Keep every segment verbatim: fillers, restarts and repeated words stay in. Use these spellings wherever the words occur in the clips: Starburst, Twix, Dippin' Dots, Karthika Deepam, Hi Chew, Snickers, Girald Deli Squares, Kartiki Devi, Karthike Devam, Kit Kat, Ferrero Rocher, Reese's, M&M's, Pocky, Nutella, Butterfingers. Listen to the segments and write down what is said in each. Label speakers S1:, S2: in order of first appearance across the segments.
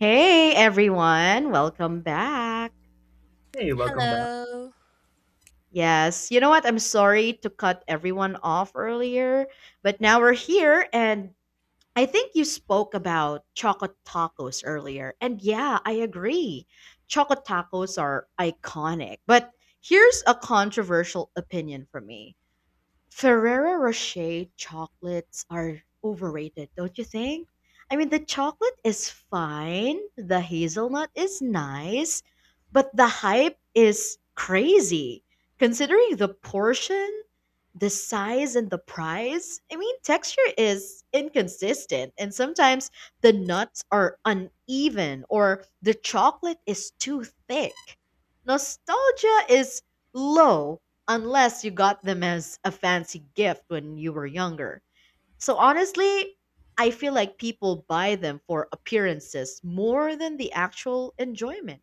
S1: Hey everyone, welcome back.
S2: Hey, welcome back.
S3: Hello.
S1: Yes, you know what? I'm sorry to cut everyone off earlier, but now we're here and I think you spoke about chocolate tacos earlier. And yeah, I agree. Chocolate tacos are iconic. But here's a controversial opinion from me. Ferrero Rocher chocolates are overrated, don't you think? I mean, the chocolate is fine, the hazelnut is nice, but the hype is crazy. Considering the portion, the size, and the price, I mean, texture is inconsistent, and sometimes the nuts are uneven or the chocolate is too thick. Nostalgia is low unless you got them as a fancy gift when you were younger. So honestly, I feel like people buy them for appearances more than the actual enjoyment.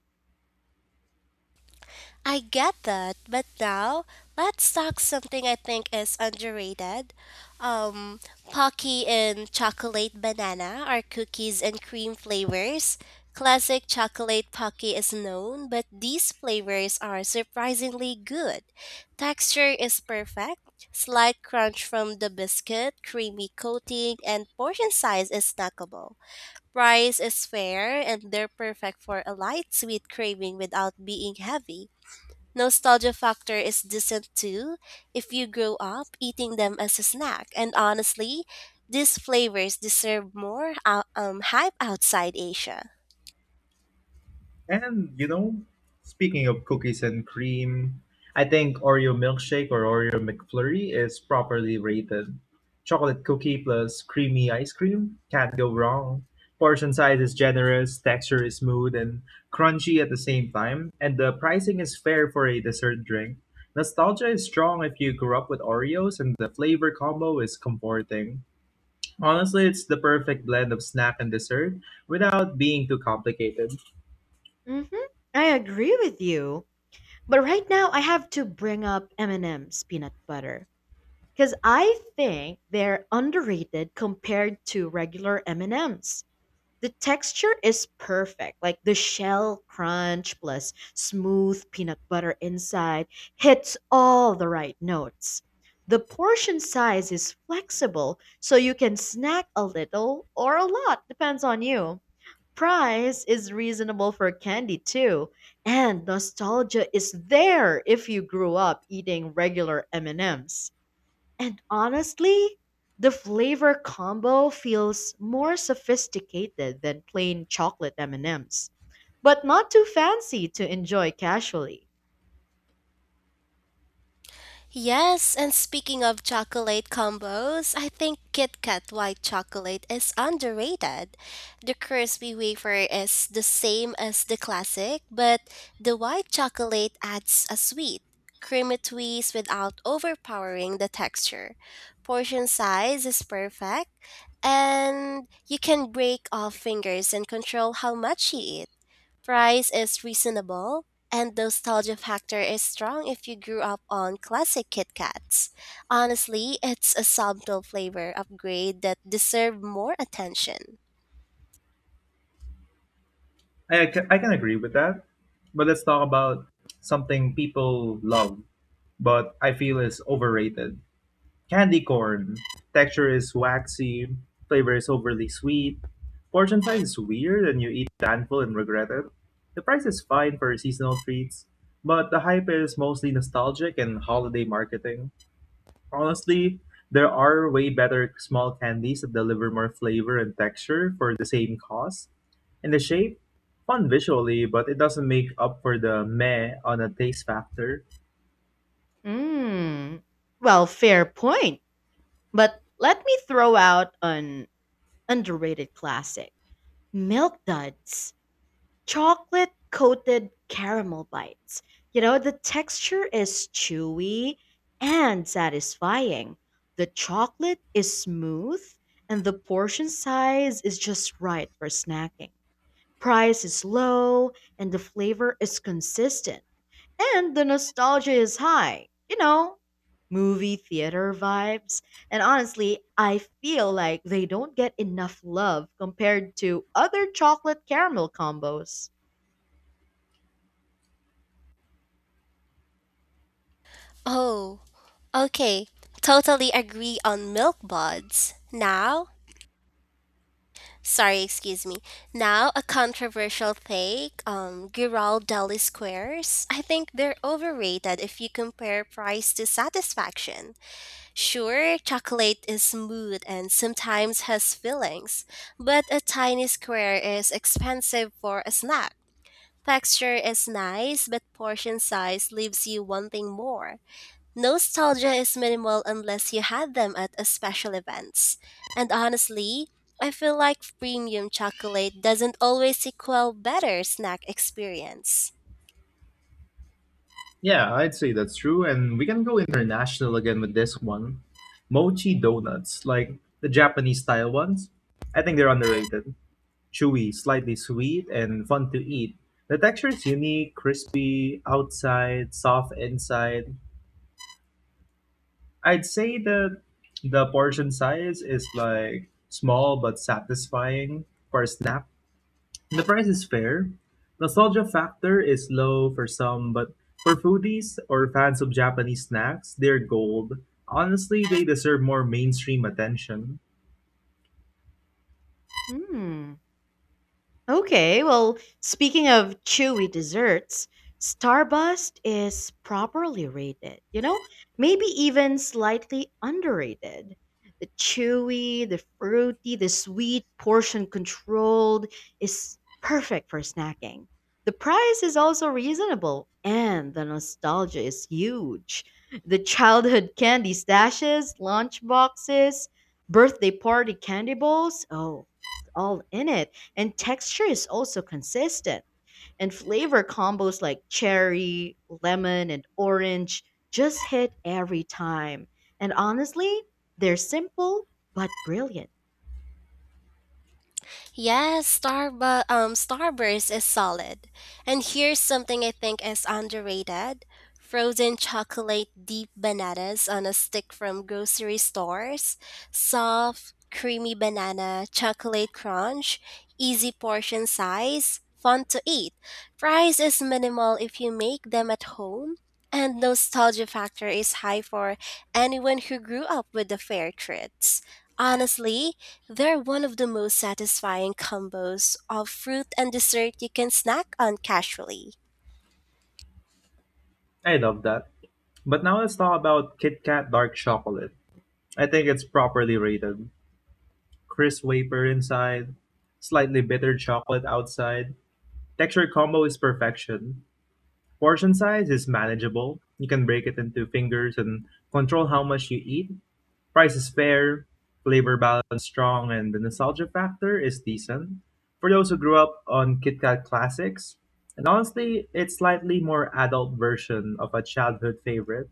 S3: I get that, but now let's talk something I think is underrated. Um, Pocky and chocolate banana are cookies and cream flavors. Classic chocolate Pocky is known, but these flavors are surprisingly good. Texture is perfect, slight crunch from the biscuit, creamy coating, and portion size is snackable. Price is fair and they're perfect for a light sweet craving without being heavy. Nostalgia factor is decent too if you grow up eating them as a snack. And honestly, these flavors deserve more ou- um, hype outside Asia.
S2: And you know, speaking of cookies and cream, I think Oreo milkshake or Oreo McFlurry is properly rated. Chocolate cookie plus creamy ice cream can't go wrong. Portion size is generous, texture is smooth and crunchy at the same time, and the pricing is fair for a dessert drink. Nostalgia is strong if you grew up with Oreos, and the flavor combo is comforting. Honestly, it's the perfect blend of snack and dessert without being too complicated.
S1: Mhm. I agree with you. But right now I have to bring up M and M's peanut butter cuz I think they're underrated compared to regular M and M's. The texture is perfect. Like the shell crunch plus smooth peanut butter inside hits all the right notes. The portion size is flexible, so you can snack a little or a lot, depends on you. Price is reasonable for candy too, and nostalgia is there if you grew up eating regular M&Ms And honestly, the flavor combo feels more sophisticated than plain chocolate M&Ms, but not too fancy to enjoy casually.
S3: Yes, and speaking of chocolate combos, I think Kit Kat white chocolate is underrated. The crispy wafer is the same as the classic, but the white chocolate adds a sweet, creamy twist without overpowering the texture. Portion size is perfect, and you can break off fingers and control how much you eat. Price is reasonable, and nostalgia factor is strong if you grew up on classic Kit Kats. Honestly, it's a subtle flavor upgrade that deserves more attention.
S2: I, ca- I can agree with that. But let's talk about something people love, but I feel is overrated. Candy corn. Texture is waxy, flavor is overly sweet, portion size is weird, and you eat a handful and regret it. The price is fine for seasonal treats, but the hype is mostly nostalgic and holiday marketing. Honestly, there are way better small candies that deliver more flavor and texture for the same cost. And the shape, fun visually, but it doesn't make up for the meh on a taste factor.
S1: Mm. Well, fair point. But let me throw out an underrated classic. Milk duds, chocolate coated caramel bites. You know, the texture is chewy and satisfying. The chocolate is smooth and the portion size is just right for snacking. Price is low and the flavor is consistent and the nostalgia is high. You know, movie theater vibes. And honestly, I feel like they don't get enough love compared to other chocolate caramel combos.
S3: Oh, okay. Totally agree on milk buds. Now, sorry, excuse me. Now, a controversial take, um, Girald Deli Squares. I think they're overrated if you compare price to satisfaction. Sure, chocolate is smooth and sometimes has fillings, but a tiny square is expensive for a snack. Texture is nice, but portion size leaves you wanting more. Nostalgia is minimal unless you had them at a special events. And honestly, I feel like premium chocolate doesn't always equal better snack experience.
S2: Yeah, I'd say that's true, and we can go international again with this one. Mochi donuts, like the Japanese style ones. I think they're underrated. Chewy, slightly sweet, and fun to eat. The texture is unique, crispy outside, soft inside. I'd say that the portion size is like small but satisfying for a snack. The price is fair. Nostalgia factor is low for some, but for foodies or fans of Japanese snacks, they're gold. Honestly, they deserve more mainstream attention.
S1: Hmm. Okay, well, speaking of chewy desserts, Starburst is properly rated, you know, maybe even slightly underrated. The chewy, the fruity, the sweet, portion controlled is perfect for snacking. The price is also reasonable, and the nostalgia is huge. The childhood candy stashes, lunch boxes, birthday party candy bowls, oh, it's all in it and texture is also consistent. And flavor combos like cherry, lemon, and orange just hit every time. And honestly, they're simple but brilliant.
S3: Yes, Starbu- um, Starburst is solid. And here's something I think is underrated. Frozen chocolate deep bananas on a stick from grocery stores. Soft, creamy banana, chocolate crunch, easy portion size, fun to eat. Price is minimal if you make them at home. And nostalgia factor is high for anyone who grew up with the fair treats. Honestly, they're one of the most satisfying combos of fruit and dessert you can snack on casually.
S2: I love that. But now let's talk about Kit Kat Dark Chocolate. I think it's properly rated. Crisp wafer inside, slightly bitter chocolate outside. Texture combo is perfection. Portion size is manageable, you can break it into fingers and control how much you eat. Price is fair, flavor balance strong, and the nostalgia factor is decent. For those who grew up on Kit Kat classics, and honestly, it's slightly more adult version of a childhood favorite.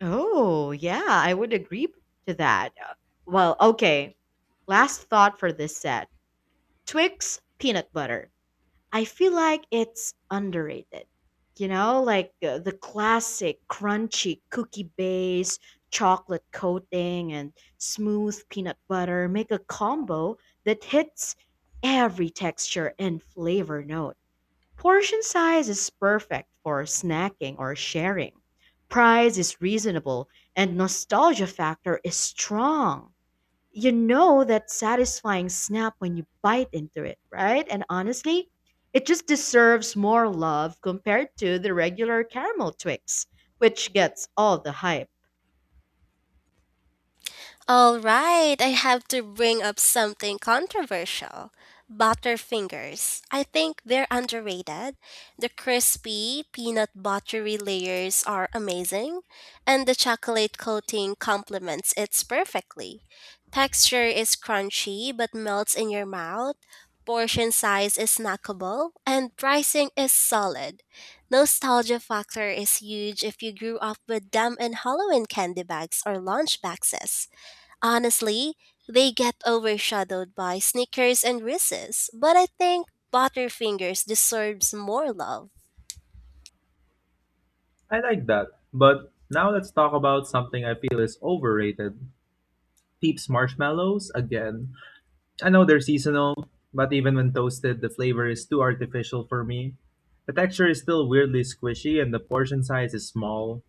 S1: Oh, yeah, I would agree to that. Uh, Well, okay. Last thought for this set: Twix peanut butter. I feel like it's underrated. You know, like uh, the classic crunchy cookie base, chocolate coating, and smooth peanut butter make a combo that hits every texture and flavor note. Portion size is perfect for snacking or sharing. Price is reasonable, and nostalgia factor is strong, you know that satisfying snap when you bite into it, right? And honestly, it just deserves more love compared to the regular caramel Twix, which gets all the hype.
S3: All right, I have to bring up something controversial. Butterfingers. I think they're underrated. The crispy, peanut buttery layers are amazing, and the chocolate coating complements it perfectly. Texture is crunchy but melts in your mouth. Portion size is snackable, and pricing is solid. Nostalgia factor is huge if you grew up with them in Halloween candy bags or lunch boxes. Honestly, they get overshadowed by Snickers and Reese's, but I think Butterfingers deserves more love.
S2: I like that. But now let's talk about something I feel is overrated. Peeps marshmallows again. I know they're seasonal, but even when toasted, the flavor is too artificial for me. The texture is still weirdly squishy, and the portion size is small.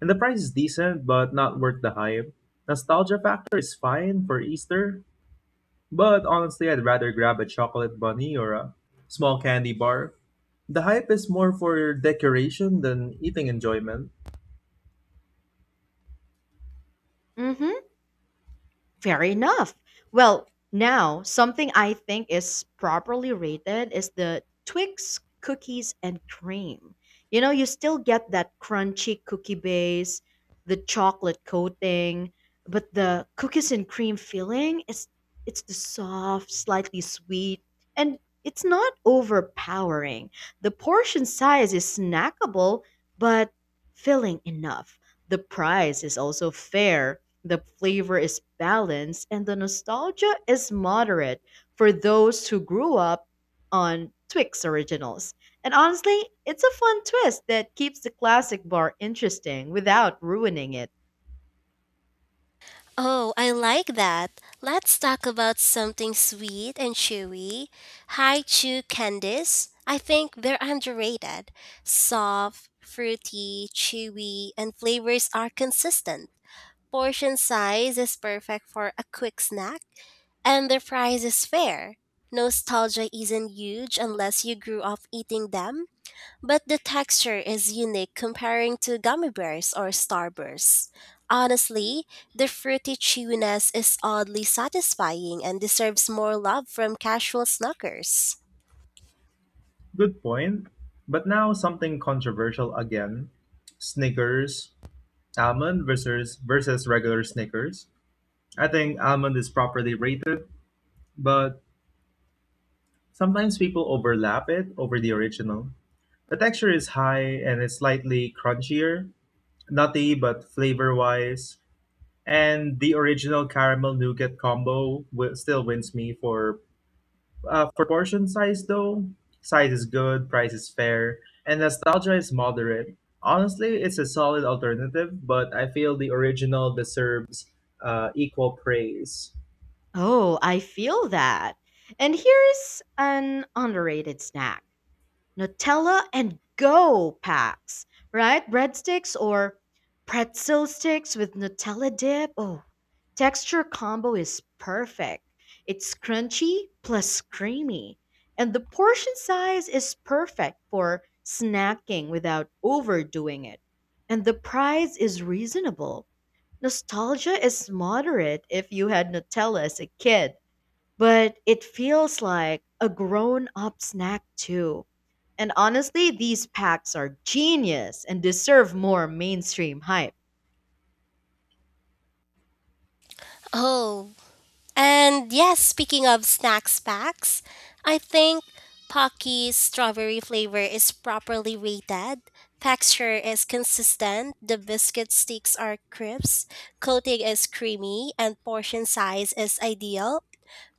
S2: And the price is decent, but not worth the hype. Nostalgia factor is fine for Easter, but honestly, I'd rather grab a chocolate bunny or a small candy bar. The hype is more for decoration than eating enjoyment.
S1: Hmm. Fair enough. Well, now something I think is properly rated is the Twix cookies and cream. You know, you still get that crunchy cookie base, the chocolate coating, but the cookies and cream filling is, it's the soft, slightly sweet, and it's not overpowering. The portion size is snackable but filling enough. The price is also fair, the flavor is balanced, and the nostalgia is moderate for those who grew up on Twix originals. And honestly, it's a fun twist that keeps the classic bar interesting without ruining it.
S3: Oh, I like that. Let's talk about something sweet and chewy. Hi Chew candies. I think they're underrated. Soft, fruity, chewy, and flavors are consistent. Portion size is perfect for a quick snack, and the price is fair. Nostalgia isn't huge unless you grew up eating them, but the texture is unique comparing to gummy bears or starbursts. Honestly, the fruity chewiness is oddly satisfying and deserves more love from casual snuckers.
S2: Good point. But now something controversial again. Snickers, almond versus versus regular Snickers. I think Almond is properly rated, but sometimes people overlap it over the original. The texture is high and it's slightly crunchier, nutty but flavor wise. And the original caramel nougat combo wi- still wins me for uh, for portion size though. Size is good, price is fair, and nostalgia is moderate. Honestly, it's a solid alternative, but I feel the original deserves uh, equal praise.
S1: Oh, I feel that. And here's an underrated snack: Nutella and Go packs, right? Breadsticks or pretzel sticks with Nutella dip. Oh, texture combo is perfect. It's crunchy plus creamy, and the portion size is perfect for snacking without overdoing it. And the price is reasonable. Nostalgia is moderate if you had Nutella as a kid, but it feels like a grown up snack too. And honestly, these packs are genius and deserve more mainstream hype.
S3: Oh, and yes, speaking of snacks packs, I think Pocky's strawberry flavor is properly rated. Texture is consistent, the biscuit sticks are crisp, coating is creamy, and portion size is ideal.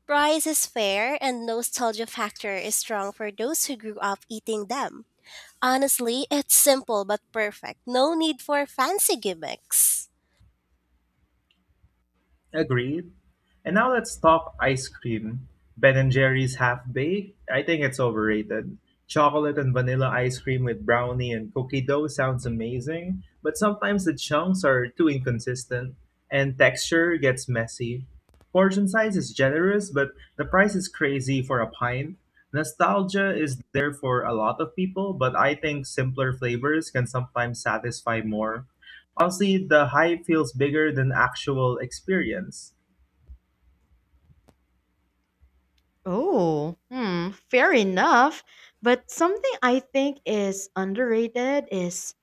S3: Price is fair, and nostalgia factor is strong for those who grew up eating them. Honestly, it's simple but perfect. No need for fancy gimmicks.
S2: Agreed. And now let's talk ice cream. Ben and Jerry's half baked. I think it's overrated. Chocolate and vanilla ice cream with brownie and cookie dough sounds amazing, but sometimes the chunks are too inconsistent and texture gets messy. Portion size is generous, but the price is crazy for a pint. Nostalgia is there for a lot of people, but I think simpler flavors can sometimes satisfy more. Honestly, the hype feels bigger than actual experience.
S1: Oh, hmm, fair enough. But something I think is underrated is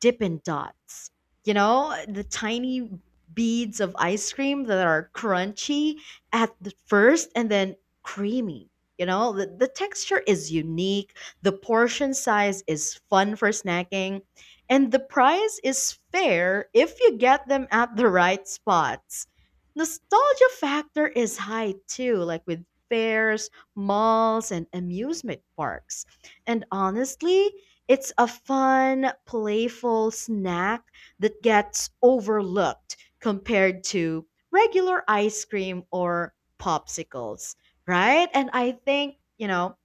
S1: Dippin' Dots. You know, the tiny beads of ice cream that are crunchy at the first and then creamy. You know, the, the texture is unique, the portion size is fun for snacking, and the price is fair if you get them at the right spots. Nostalgia factor is high too, like with fairs, malls, and amusement parks. And honestly, it's a fun, playful snack that gets overlooked compared to regular ice cream or popsicles, right? And I think, you know,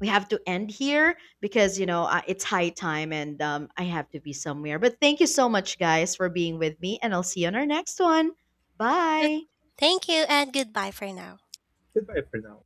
S1: we have to end here because, you know, uh, it's high time and um, I have to be somewhere. But thank you so much, guys, for being with me, and I'll see you on our next one. Bye.
S3: Thank you, and goodbye for now.
S2: Goodbye for now.